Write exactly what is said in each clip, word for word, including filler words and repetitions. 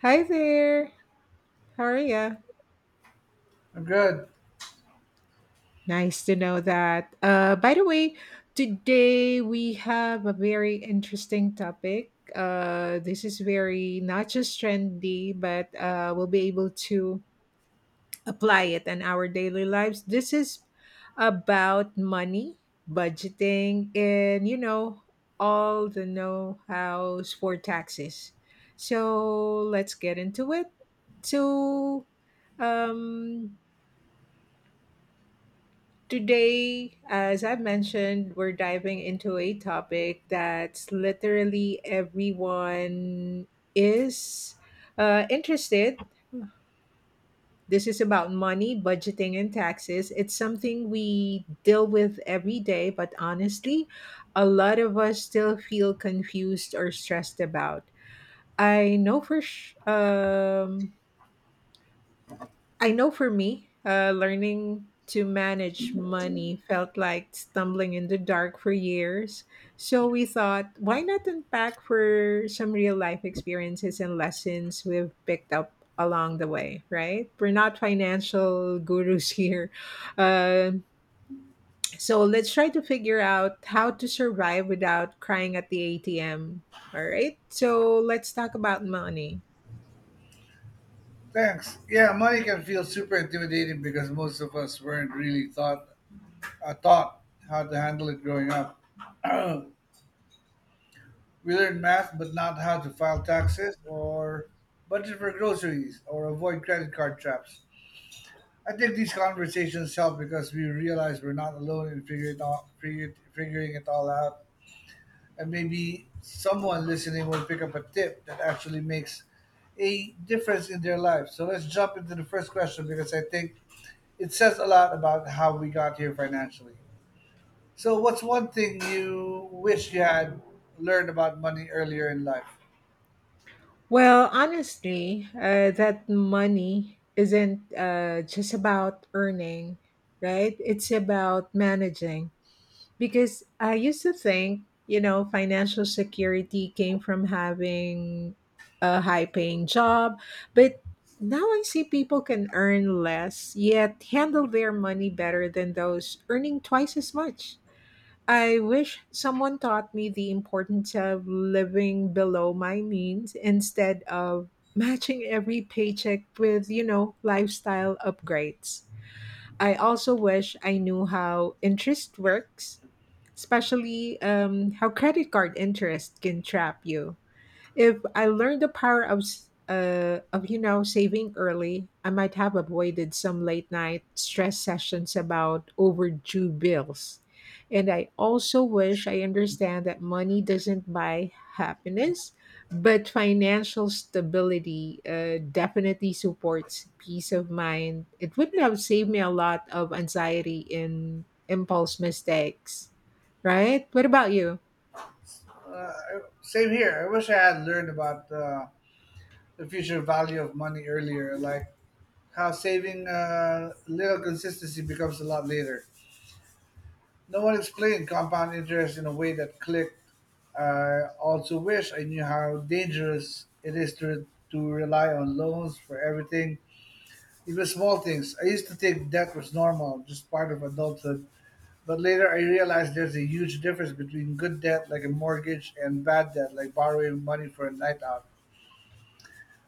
Hi there. How are you? Good. Nice to know that. Uh, by the way, today we have a very interesting topic. Uh, this is very not just trendy, but uh, we'll be able to apply it in our daily lives. This is about money, budgeting, and you know, all the know hows for taxes. So let's get into it. So, um, Today, as I mentioned, we're diving into a topic that's literally everyone is uh, interested. This is about money, budgeting, and taxes. It's something we deal with every day, but honestly, a lot of us still feel confused or stressed about. I know for sh- um, I know for me, uh, learning to manage money felt like stumbling in the dark for years. So we thought, why not unpack for some real life experiences and lessons we've picked up along the way, right? We're not financial gurus here. Um so let's try to figure out how to survive without crying at the A T M. All right. So let's talk about money. Thanks. Yeah, money can feel super intimidating because most of us weren't really taught uh, taught how to handle it growing up. We learned math, but not how to file taxes or budget for groceries or avoid credit card traps. I think these conversations help because we realize we're not alone in figuring it all, figure, figuring it all out, and maybe someone listening will pick up a tip that actually makes a difference in their life. So let's jump into the first question because I think It says a lot about how we got here financially. So, what's one thing you wish you had learned about money earlier in life? Well, honestly, uh, that money isn't uh, just about earning, right? It's about managing. Because I used to think, you know, financial security came from having a high paying job. But now I see people can earn less, yet handle their money better than those earning twice as much. I wish someone taught me the importance of living below my means instead of matching every paycheck with, you know, lifestyle upgrades. I also wish I knew how interest works, especially um, how credit card interest can trap you. If I learned the power of s- uh, of you know saving early, I might have avoided some late night stress sessions about overdue bills. And I also wish I understand that money doesn't buy happiness, but financial stability uh, definitely supports peace of mind. It wouldn't have saved me a lot of anxiety and impulse mistakes, right? What about you? Uh, Same here. I wish I had learned about uh, the future value of money earlier, like how saving uh, little consistency becomes a lot later. No one explained compound interest in a way that clicked. I also wish I knew how dangerous it is to to rely on loans for everything. It was small things. I used to think debt was normal, just part of adulthood. But later I realized there's a huge difference between good debt, like a mortgage, and bad debt, like borrowing money for a night out.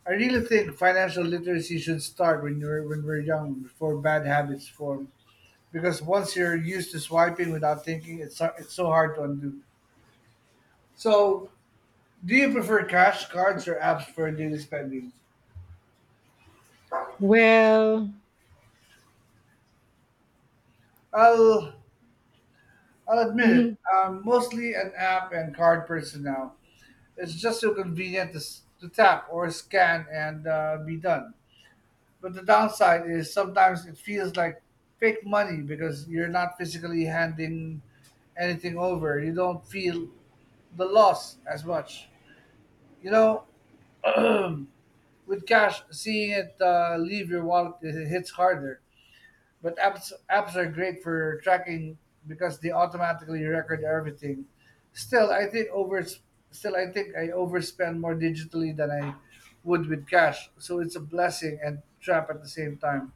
I really think financial literacy should start when you're when we're young, before bad habits form. Because once you're used to swiping without thinking, it's so- it's so hard to undo. So, do you prefer cash, cards, or apps for daily spending? Well, I'll I'll admit mhm. it. I'm mostly an app and card person now. It's just so convenient to, s- to tap or scan and uh, be done. But the downside is sometimes it feels like fake money because you're not physically handing anything over. You don't feel the loss as much. You know, with cash, seeing it uh, leave your wallet, it hits harder. But apps apps are great for tracking because they automatically record everything. Still, I think over still I think I overspend more digitally than I would with cash. So it's a blessing and trap at the same time.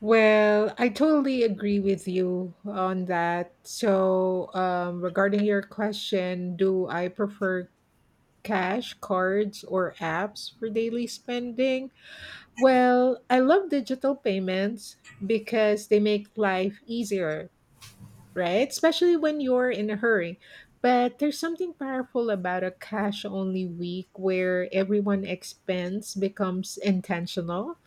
Well, I totally agree with you on that. So, um, regarding your question, do I prefer cash, cards, or apps for daily spending? Well, I love digital payments because they make life easier, right? Especially when you're in a hurry. But there's something powerful about a cash only week where everyone expense becomes intentional.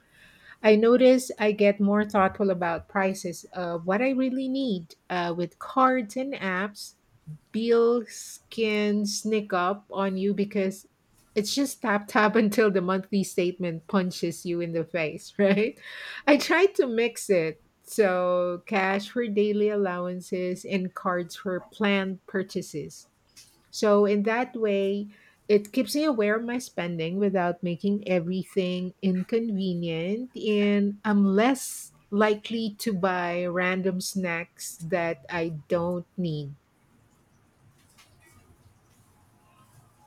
I notice I get more thoughtful about prices. Uh, what I really need uh, with cards and apps. Bills can sneak up on you because it's just tap tap until the monthly statement punches you in the face, right? I try to mix it. So, cash for daily allowances and cards for planned purchases. So, in that way, it keeps me aware of my spending without making everything inconvenient, and I'm less likely to buy random snacks that I don't need.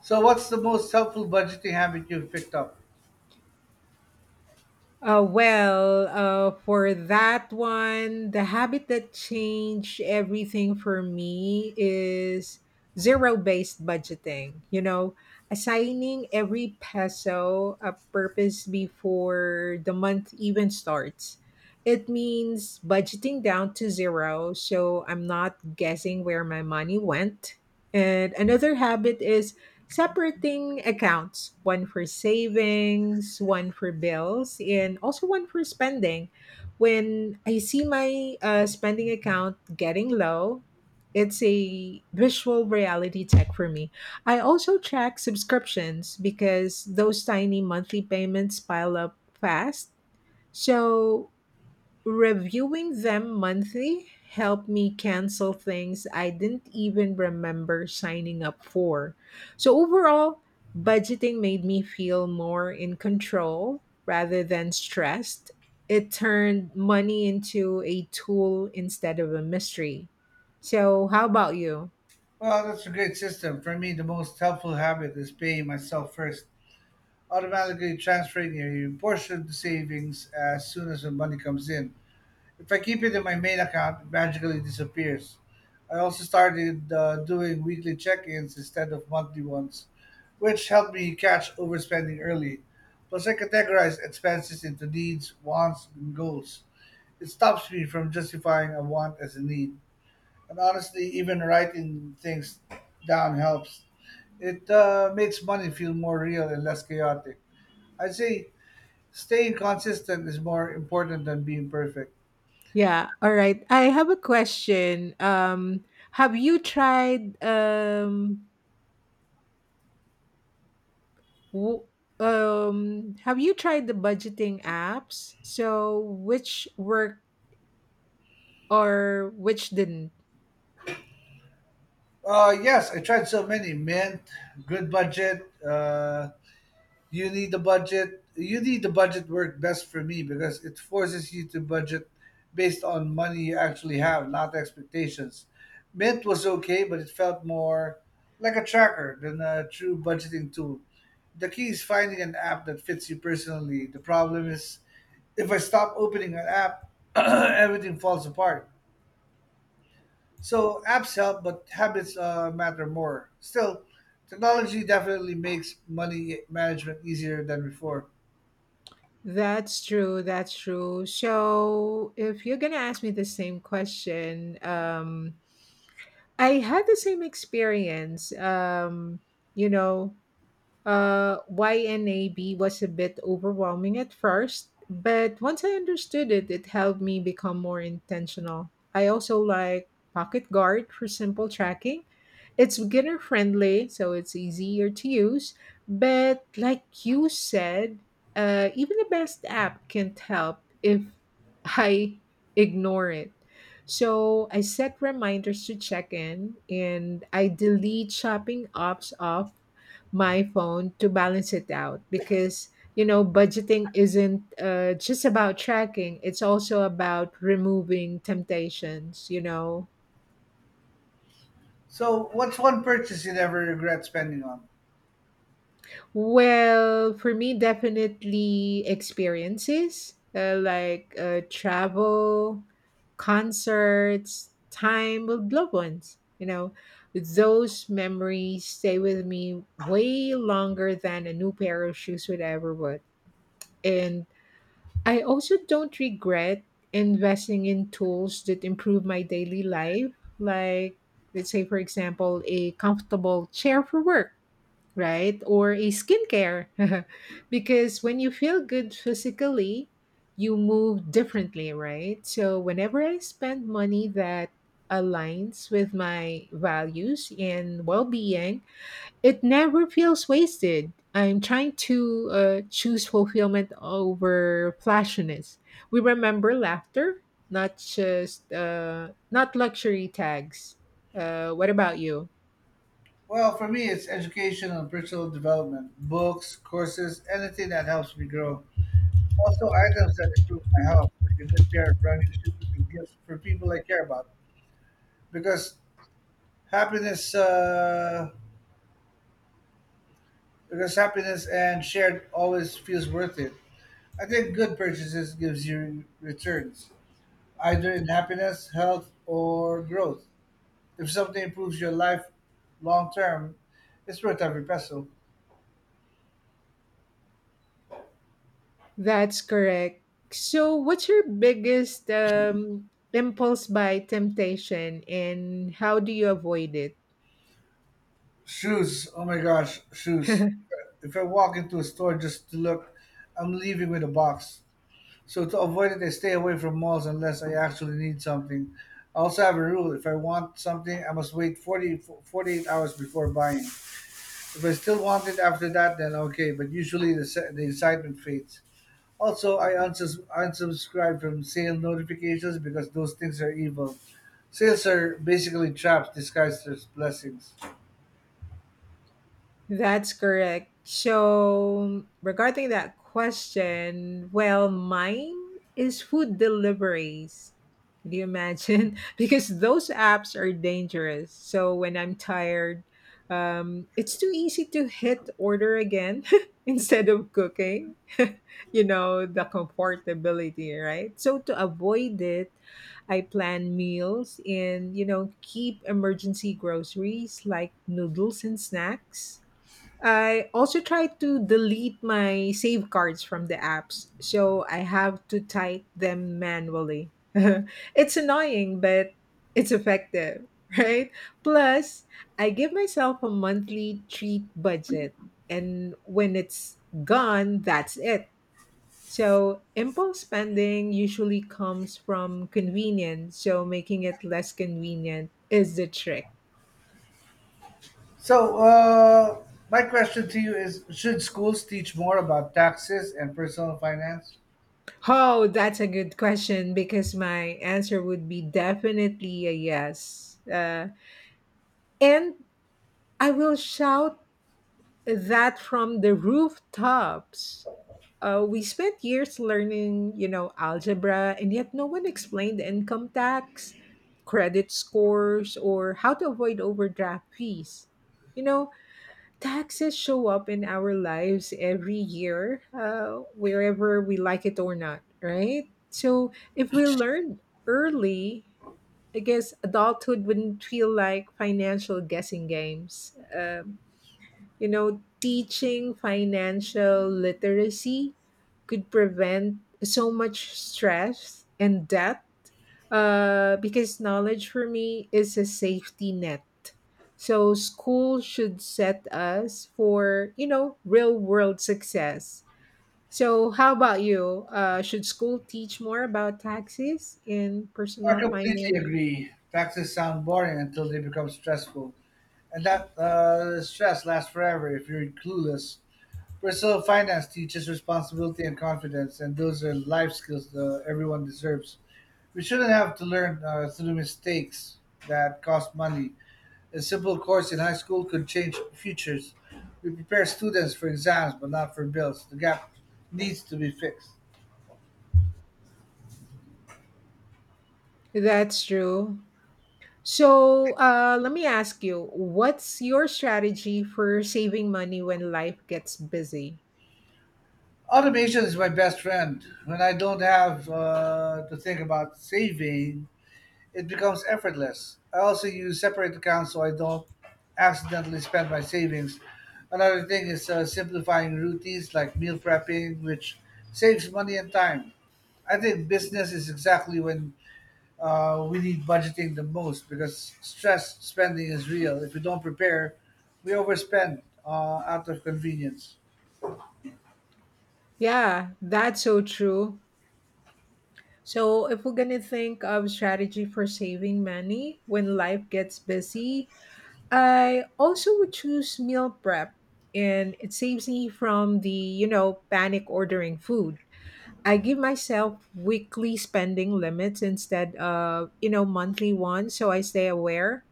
So what's the most helpful budgeting habit you've picked up? Uh, well, uh, for that one, the habit that changed everything for me is zero based budgeting. You know, assigning every peso a purpose before the month even starts. It means budgeting down to zero, so I'm not guessing where my money went. And another habit is separating accounts, one for savings, one for bills, and also one for spending. When I see my uh, spending account getting low, it's a visual reality check for me. I also track subscriptions because those tiny monthly payments pile up fast. So reviewing them monthly helped me cancel things I didn't even remember signing up for. So, overall, budgeting made me feel more in control rather than stressed. It turned money into a tool instead of a mystery. So, how about you? Well, that's a great system. For me, the most helpful habit is paying myself first, automatically transferring a portion to savings as soon as the money comes in. If I keep it in my main account, it magically disappears. I also started uh, doing weekly check ins instead of monthly ones, which helped me catch overspending early. Plus, I categorize expenses into needs, wants, and goals. It stops me from justifying a want as a need. And honestly, even writing things down helps. It uh, makes money feel more real and less chaotic. I'd say staying consistent is more important than being perfect. Yeah, all right. I have a question. Um, have you tried um W- Um, have you tried the budgeting apps? So which work or which didn't? Uh, yes, I tried so many, Mint, Good budget. Uh, you need the budget. You need the budget work best for me because it forces you to budget based on money you actually have, not expectations. Mint was okay, but it felt more like a tracker than a true budgeting tool. The key is finding an app that fits you personally. The problem is if I stop opening an app, everything falls apart. So apps help, but habits uh, matter more. Still, technology definitely makes money management easier than before. That's true. That's true. So if you're gonna ask me the same question, um, I had the same experience. Um, you know, uh, why nab was a bit overwhelming at first, but once I understood it, it helped me become more intentional. I also like Pocket Guard for simple tracking. It's beginner friendly, so it's easier to use. But like you said, uh, even the best app can't help if I ignore it. So I set reminders to check in, and I delete shopping apps off my phone to balance it out, because you know budgeting isn't uh, just about tracking, it's also about removing temptations, you know. So, what's one purchase you never regret spending on? Well, for me, definitely experiences, uh, like uh, travel, concerts, time with loved ones. You know, those memories stay with me way longer than a new pair of shoes would ever would. And I also don't regret investing in tools that improve my daily life, like, let's say, for example, a comfortable chair for work, right? Or a skincare. Because when you feel good physically, you move differently, right? So whenever I spend money that aligns with my values and well-being, it never feels wasted. I'm trying to uh, choose fulfillment over flashiness. We remember laughter, not just uh, not luxury tags. Uh, what about you? Well, for me, it's education and personal development, books, courses, anything that helps me grow. Also, items that improve my health, like a good pair of running shoes and gifts for people I care about. Because happiness, uh, because happiness and shared always feels worth it. I think good purchases gives you returns, either in happiness, health, or growth. If something improves your life long term, it's worth every peso. That's correct. So, what's your biggest um, impulse by temptation and how do you avoid it? Shoes, oh my gosh, shoes. If I walk into a store just to look, I'm leaving with a box. So to avoid it, I stay away from malls unless I actually need something. I also have a rule. If I want something, I must wait forty forty eight hours before buying. If I still want it after that, then okay, but usually the, se- the excitement fades. Also, I unsus- unsubscribe from sale notifications because those things are evil. Sales are basically traps disguised as blessings. That's correct. So, regarding that question, well, mine is food deliveries. Can you imagine? Because those apps are dangerous. So, when I'm tired, um, it's too easy to hit order again instead of cooking. You know, the comfortability, right? So, to avoid it, I plan meals and, you know, keep emergency groceries like noodles and snacks. I also try to delete my save cards from the apps, so I have to type them manually. It's annoying, but it's effective, right? Plus, I give myself a monthly treat budget, and when it's gone, that's it. So, impulse spending usually comes from convenience, so making it less convenient is the trick. So, uh, my question to you is: should schools teach more about taxes and personal finance? Oh, that's a good question, because my answer would be definitely a yes. Uh, and I will shout that from the rooftops. Uh, we spent years learning, you know, algebra, and yet no one explained income tax, credit scores, or how to avoid overdraft fees. You know, taxes show up in our lives every year, uh, wherever we like it or not, right? So if we learn early, I guess adulthood wouldn't feel like financial guessing games. Uh, you know, teaching financial literacy could prevent so much stress and debt, uh, because knowledge for me is a safety net. So school should set us for, you know, real world success. So how about you uh, should school teach more about taxes and I personal completely finance? agree. Taxes sound boring until they become stressful. And that uh, stress lasts forever if you're clueless. Personal finance teaches responsibility and confidence, and those are life skills that everyone deserves. We shouldn't have to learn uh, through mistakes that cost money. A simple course in high school could change futures. We prepare students for exams, but not for bills. The gap needs to be fixed. That's true. So uh, let me ask you, what's your strategy for saving money when life gets busy? Automation is my best friend. When I don't have uh, to think about saving, it becomes effortless. I also use separate accounts so I don't accidentally spend my savings. Another thing is uh, simplifying routines like meal prepping, which saves money and time. I think business is exactly when uh, we need budgeting the most because stress spending is real. If we don't prepare, we overspend uh, out of convenience. Yeah, that's so true. So if we're gonna think of strategy for saving money when life gets busy, I also would choose meal prep, and it saves me from the, you know, panic ordering food. I give myself weekly spending limits instead of, you know, monthly ones, so I stay aware.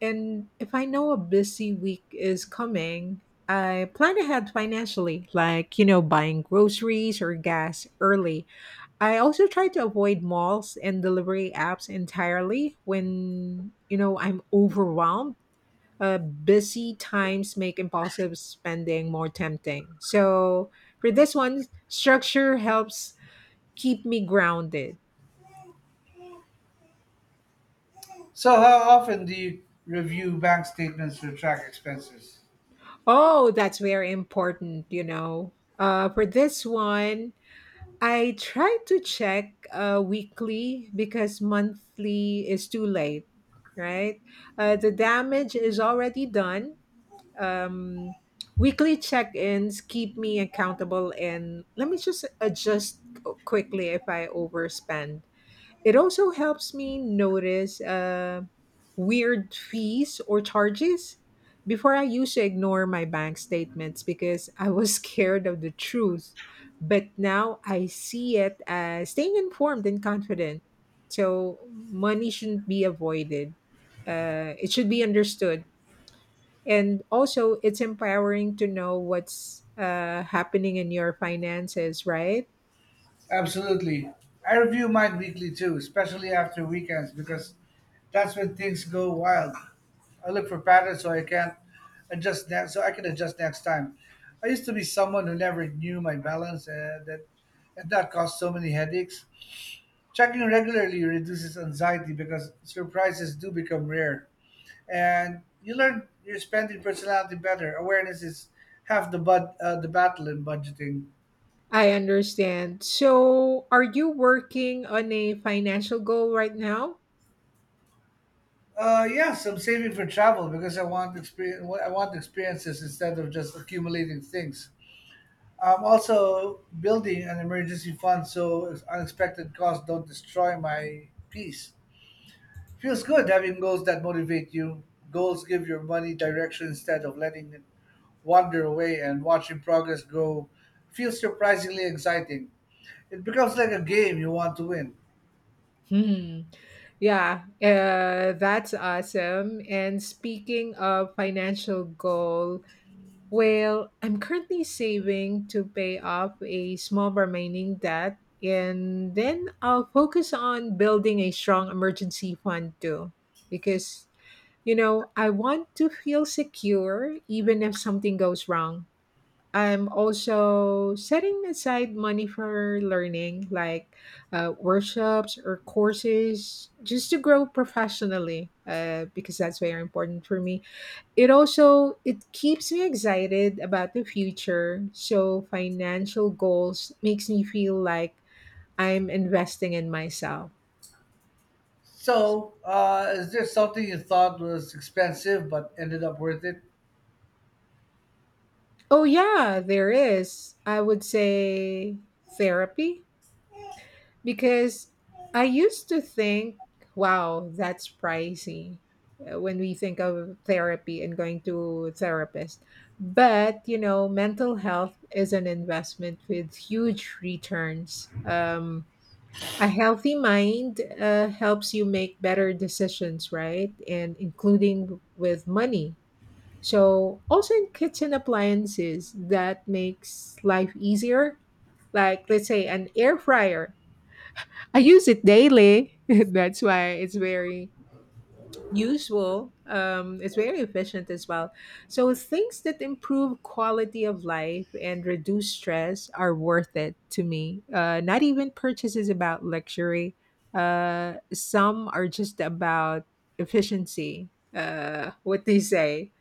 And if I know a busy week is coming, I plan ahead financially, like, you know, buying groceries or gas early. I also try to avoid malls and delivery apps entirely when, you know, I'm overwhelmed. Uh, busy times make impulsive spending more tempting. So, for this one, structure helps keep me grounded. So, how often do you review bank statements to track expenses? Oh, that's very important, you know. Uh, for this one, I try to check uh, weekly, because monthly is too late, right? Uh, the damage is already done. Um, Weekly check ins keep me accountable, and let me just adjust quickly if I overspend. It also helps me notice uh, weird fees or charges. Before, I used to ignore my bank statements because I was scared of the truth. But now I see it as staying informed and confident. So, money shouldn't be avoided, uh, it should be understood. And also, it's empowering to know what's uh, happening in your finances, right? Absolutely. I review mine weekly too, especially after weekends because that's when things go wild. I look for patterns so I can't adjust that, so I can adjust next time. I used to be someone who never knew my balance, and that and that caused so many headaches. Checking regularly reduces anxiety because surprises do become rare. And you learn your spending personality better. Awareness is half the bud, uh, the battle in budgeting. I understand. So, are you working on a financial goal right now? Uh, yes, I'm saving for travel because I want experience. I want experiences instead of just accumulating things. I'm also building an emergency fund so unexpected costs don't destroy my peace. Feels good having goals that motivate you. Goals give your money direction instead of letting it wander away, and watching progress grow feels surprisingly exciting. It becomes like a game you want to win. Hmm. Yeah, uh, that's awesome. And speaking of financial goal, well, I'm currently saving to pay off a small remaining debt, and then I'll focus on building a strong emergency fund too, because you know I want to feel secure even if something goes wrong. I'm also setting aside money for learning, like uh, workshops or courses, just to grow professionally, uh, because that's very important for me. It also it keeps me excited about the future. So financial goals makes me feel like I'm investing in myself. So, uh, is there something you thought was expensive but ended up worth it? Oh yeah, there is. I would say therapy. Because I used to think, wow, that's pricey uh, when we think of therapy and going to therapist. But, you know, mental health is an investment with huge returns. Um, a healthy mind uh, helps you make better decisions, right? And including with money. So, also in kitchen appliances that makes life easier, like let's say an air fryer. I use it daily. That's why it's very useful. Um, it's very efficient as well. So things that improve quality of life and reduce stress are worth it to me. Uh, not even purchases about luxury. Uh, some are just about efficiency. Uh, what they say?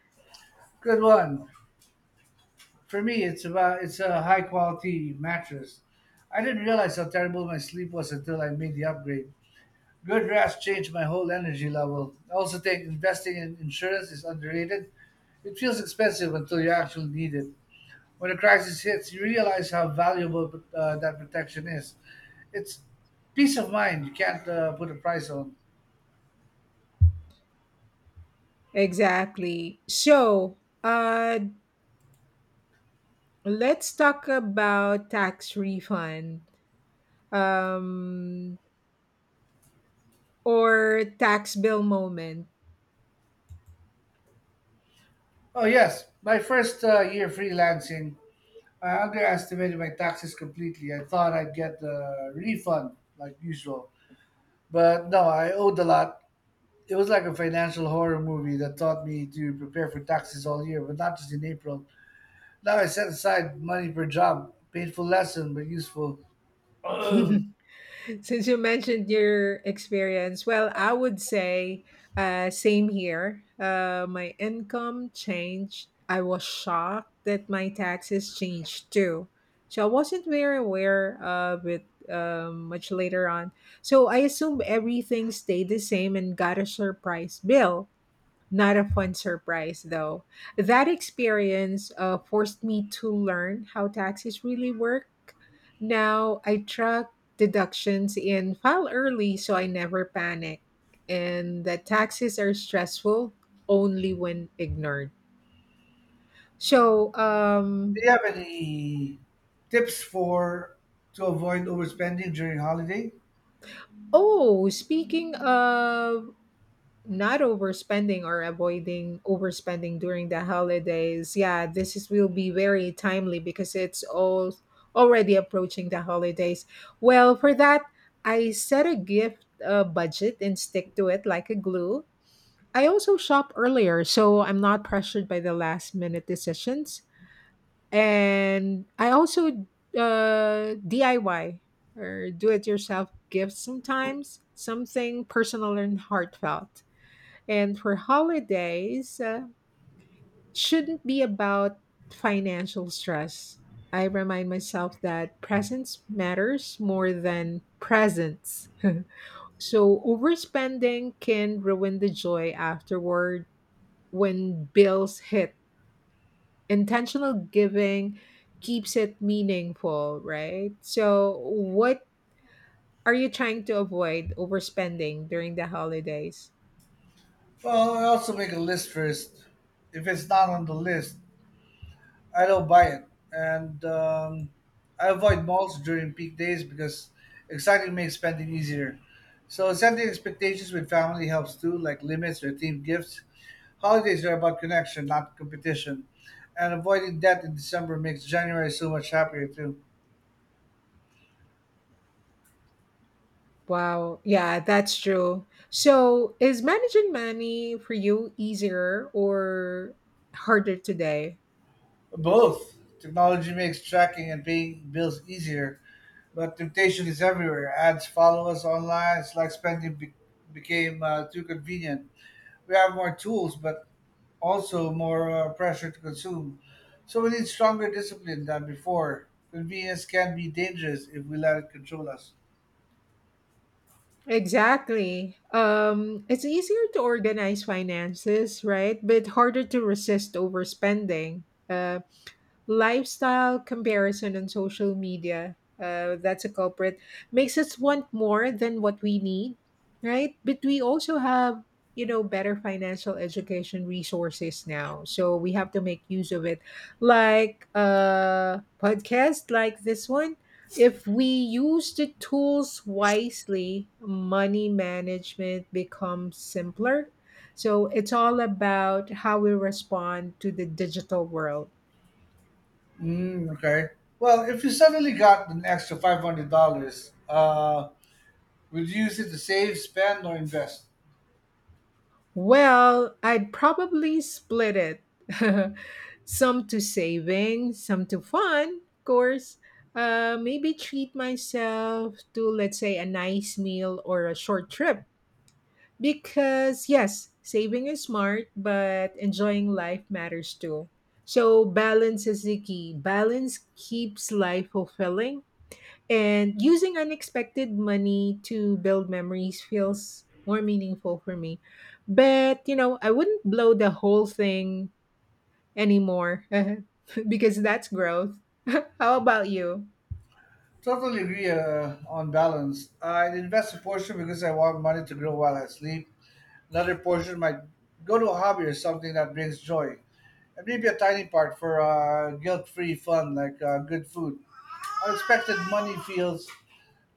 Good one. For me, it's about it's a high quality mattress. I didn't realize how terrible my sleep was until I made the upgrade. Good rest changed my whole energy level. I also think investing in insurance is underrated. It feels expensive until you actually need it. When a crisis hits, you realize how valuable uh, that protection is. It's peace of mind you can't uh, put a price on. Exactly. So uh, let's talk about tax refund. Um, or tax bill moment? Oh yes, my first uh, year freelancing, I underestimated my taxes completely. I thought I'd get the refund like usual, but no, I owed a lot. It was like a financial horror movie that taught me to prepare for taxes all year, but not just in April. Now I set aside money per job. Painful lesson, but useful. Um, Since you mentioned your experience, well, I would say uh, same here. Uh, my income changed. I was shocked that my taxes changed too. So I wasn't very aware of it um, much later on. So I assumed everything stayed the same and got a surprise bill. Not a fun surprise, though. That experience uh, forced me to learn how taxes really work. Now I track deductions and file early so I never panic. And that taxes are stressful only when ignored. So, Do um, you have any tips for to avoid overspending during holiday? oh, speaking of not overspending or avoiding overspending during the holidays. Yeah, this is will be very timely because it's all already approaching the holidays. Well, for that, I set a gift uh, budget and stick to it like a glue. I also shop earlier, so I'm not pressured by the last minute decisions. And I also uh, D I Y or do it yourself gifts sometimes, something personal and heartfelt. And for holidays, uh, shouldn't be about financial stress. I remind myself that presence matters more than presents. So overspending can ruin the joy afterward when bills hit. Intentional giving keeps it meaningful, right? So what are you trying to avoid overspending during the holidays? Well, I also make a list first. If it's not on the list, I don't buy it, and um, I avoid malls during peak days because exciting makes spending easier. So setting expectations with family helps too, like limits or themed gifts. Holidays are about connection, not competition, and avoiding debt in December makes January so much happier too. Wow. Yeah, that's true. So, is managing money for you easier or harder today? Both technology makes tracking and paying bills easier, but temptation is everywhere. Ads follow us online. It's like spending be- became uh, too convenient. We have more tools, but also more uh, pressure to consume. So we need stronger discipline than before. Convenience can be dangerous if we let it control us. Exactly. Um, it's easier to organize finances, right? But harder to resist overspending. Uh, lifestyle comparison on social media, uh, that's a culprit, makes us want more than what we need, right? But we also have, you know better financial education resources now, so we have to make use of it, like a podcast like this one. If we use the tools wisely, money management becomes simpler. So it's all about how we respond to the digital world. Mm, okay. Well, if you suddenly got an extra five hundred dollars, uh, would you use it to save, spend, or invest? Well, I'd probably split it. Some to saving, some to fun, of course. Uh, maybe treat myself to, let's say, a nice meal or a short trip. Because, yes, saving is smart, but enjoying life matters too. So, balance is the key. Balance keeps life fulfilling and using unexpected money to build memories feels more meaningful for me. But, you know, I wouldn't blow the whole thing anymore because that's growth. How about you? Totally agree uh, on balance. I'd invest a portion because I want money to grow while I sleep. Another portion might go to a hobby or something that brings joy, and maybe a tiny part for uh, guilt-free fun like uh, good food. Unexpected money feels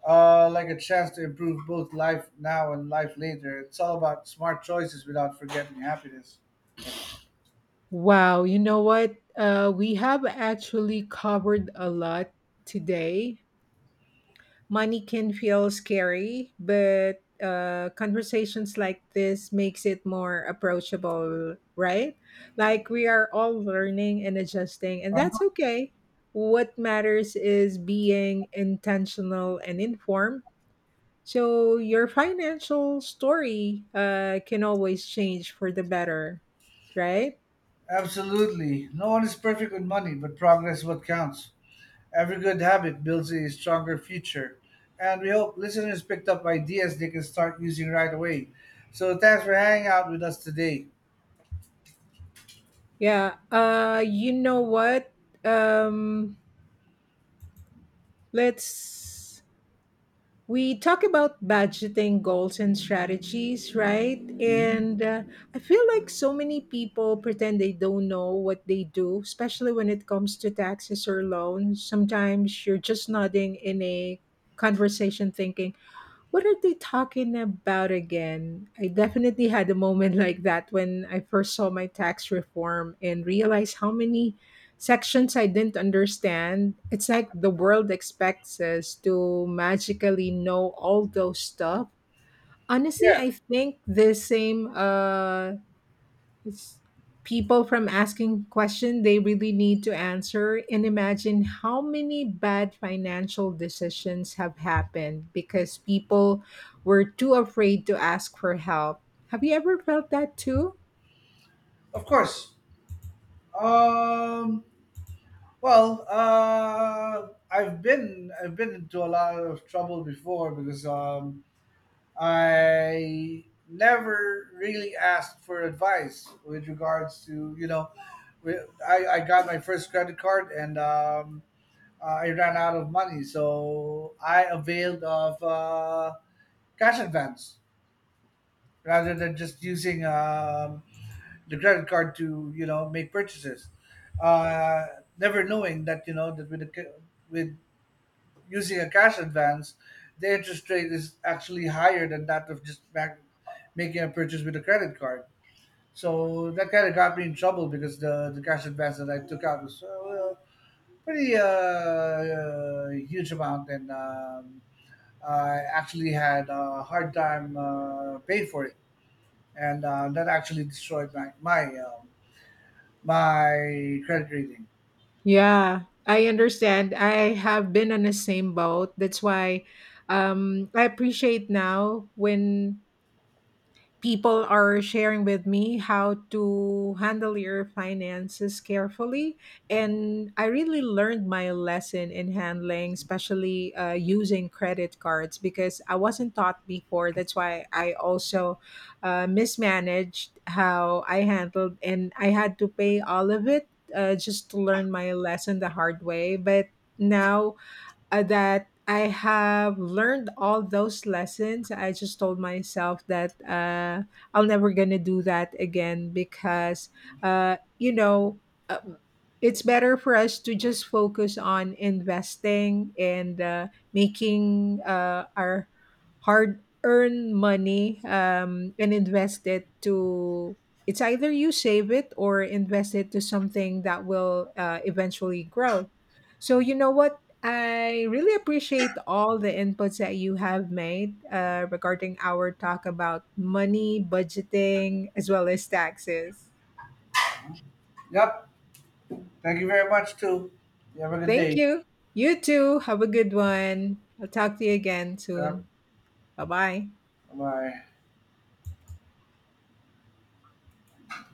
uh, like a chance to improve both life now and life later. It's all about smart choices without forgetting happiness. Wow, you know what? Uh, we have actually covered a lot today. Money can feel scary, but uh, conversations like this makes it more approachable, right? Like we are all learning and adjusting, and that's okay. What matters is being intentional and informed. So your financial story uh, can always change for the better, right? Absolutely, no one is perfect with money, but progress is what counts. Every good habit builds a stronger future. And we hope listeners picked up ideas they can start using right away. So thanks for hanging out with us today. Yeah. Uh, you know what? Um, let's We talk about budgeting goals and strategies, right? Mhm. And uh, I feel like so many people pretend they don't know what they do, especially when it comes to taxes or loans. Sometimes you're just nodding in a conversation thinking, what are they talking about again? I definitely had a moment like that when I first saw my tax reform and realized how many sections I didn't understand. It's like the world expects us to magically know all those stuff. Honestly, I Yeah, think the same uh it's people from asking questions they really need to answer, and imagine how many bad financial decisions have happened because people were too afraid to ask for help. Have you ever felt that too? of course. Um, well, uh, I've been I've been into a lot of trouble before because um, I never really asked for advice with regards to you know, we- I, I got my first credit card and um, Uh, I ran out of money, so I availed of uh, cash advance rather than just using um, the credit card to you know make purchases. Uh, Never knowing that you know that with a, ca- with using a cash advance, the interest rate is actually higher than that of just back, making a purchase with a credit card. So that kind of got me in trouble because the, the cash advance that I took out was uh, well, pretty uh, uh, huge amount and um, I actually had a hard time uh, paying for it, and uh, that actually destroyed my my um, my credit rating. Yeah, I understand. I have been on the same boat. That's why um, I appreciate now when people are sharing with me how to handle your finances carefully, and I really learned my lesson in handling, especially uh, using credit cards, because I wasn't taught before. That's why I also uh, mismanaged how I handled and I had to pay all of it, uh, just to learn my lesson the hard way. But now, uh, that I have learned all those lessons, I just told myself that uh, I'm never gonna do that again, because, uh, you know uh, it's better for us to just focus on investing and uh, making uh, our hard earned money, um, and invest it to, it's either you save it or invest it to something that will uh, eventually grow. So you know what? I really appreciate all the inputs that you have made uh, regarding our talk about money, budgeting, as well as taxes. Yep. Thank you very much too. You have a good Thank day. you. You too. Have a good one. I'll talk to you again Yep. soon. Bye bye. Bye.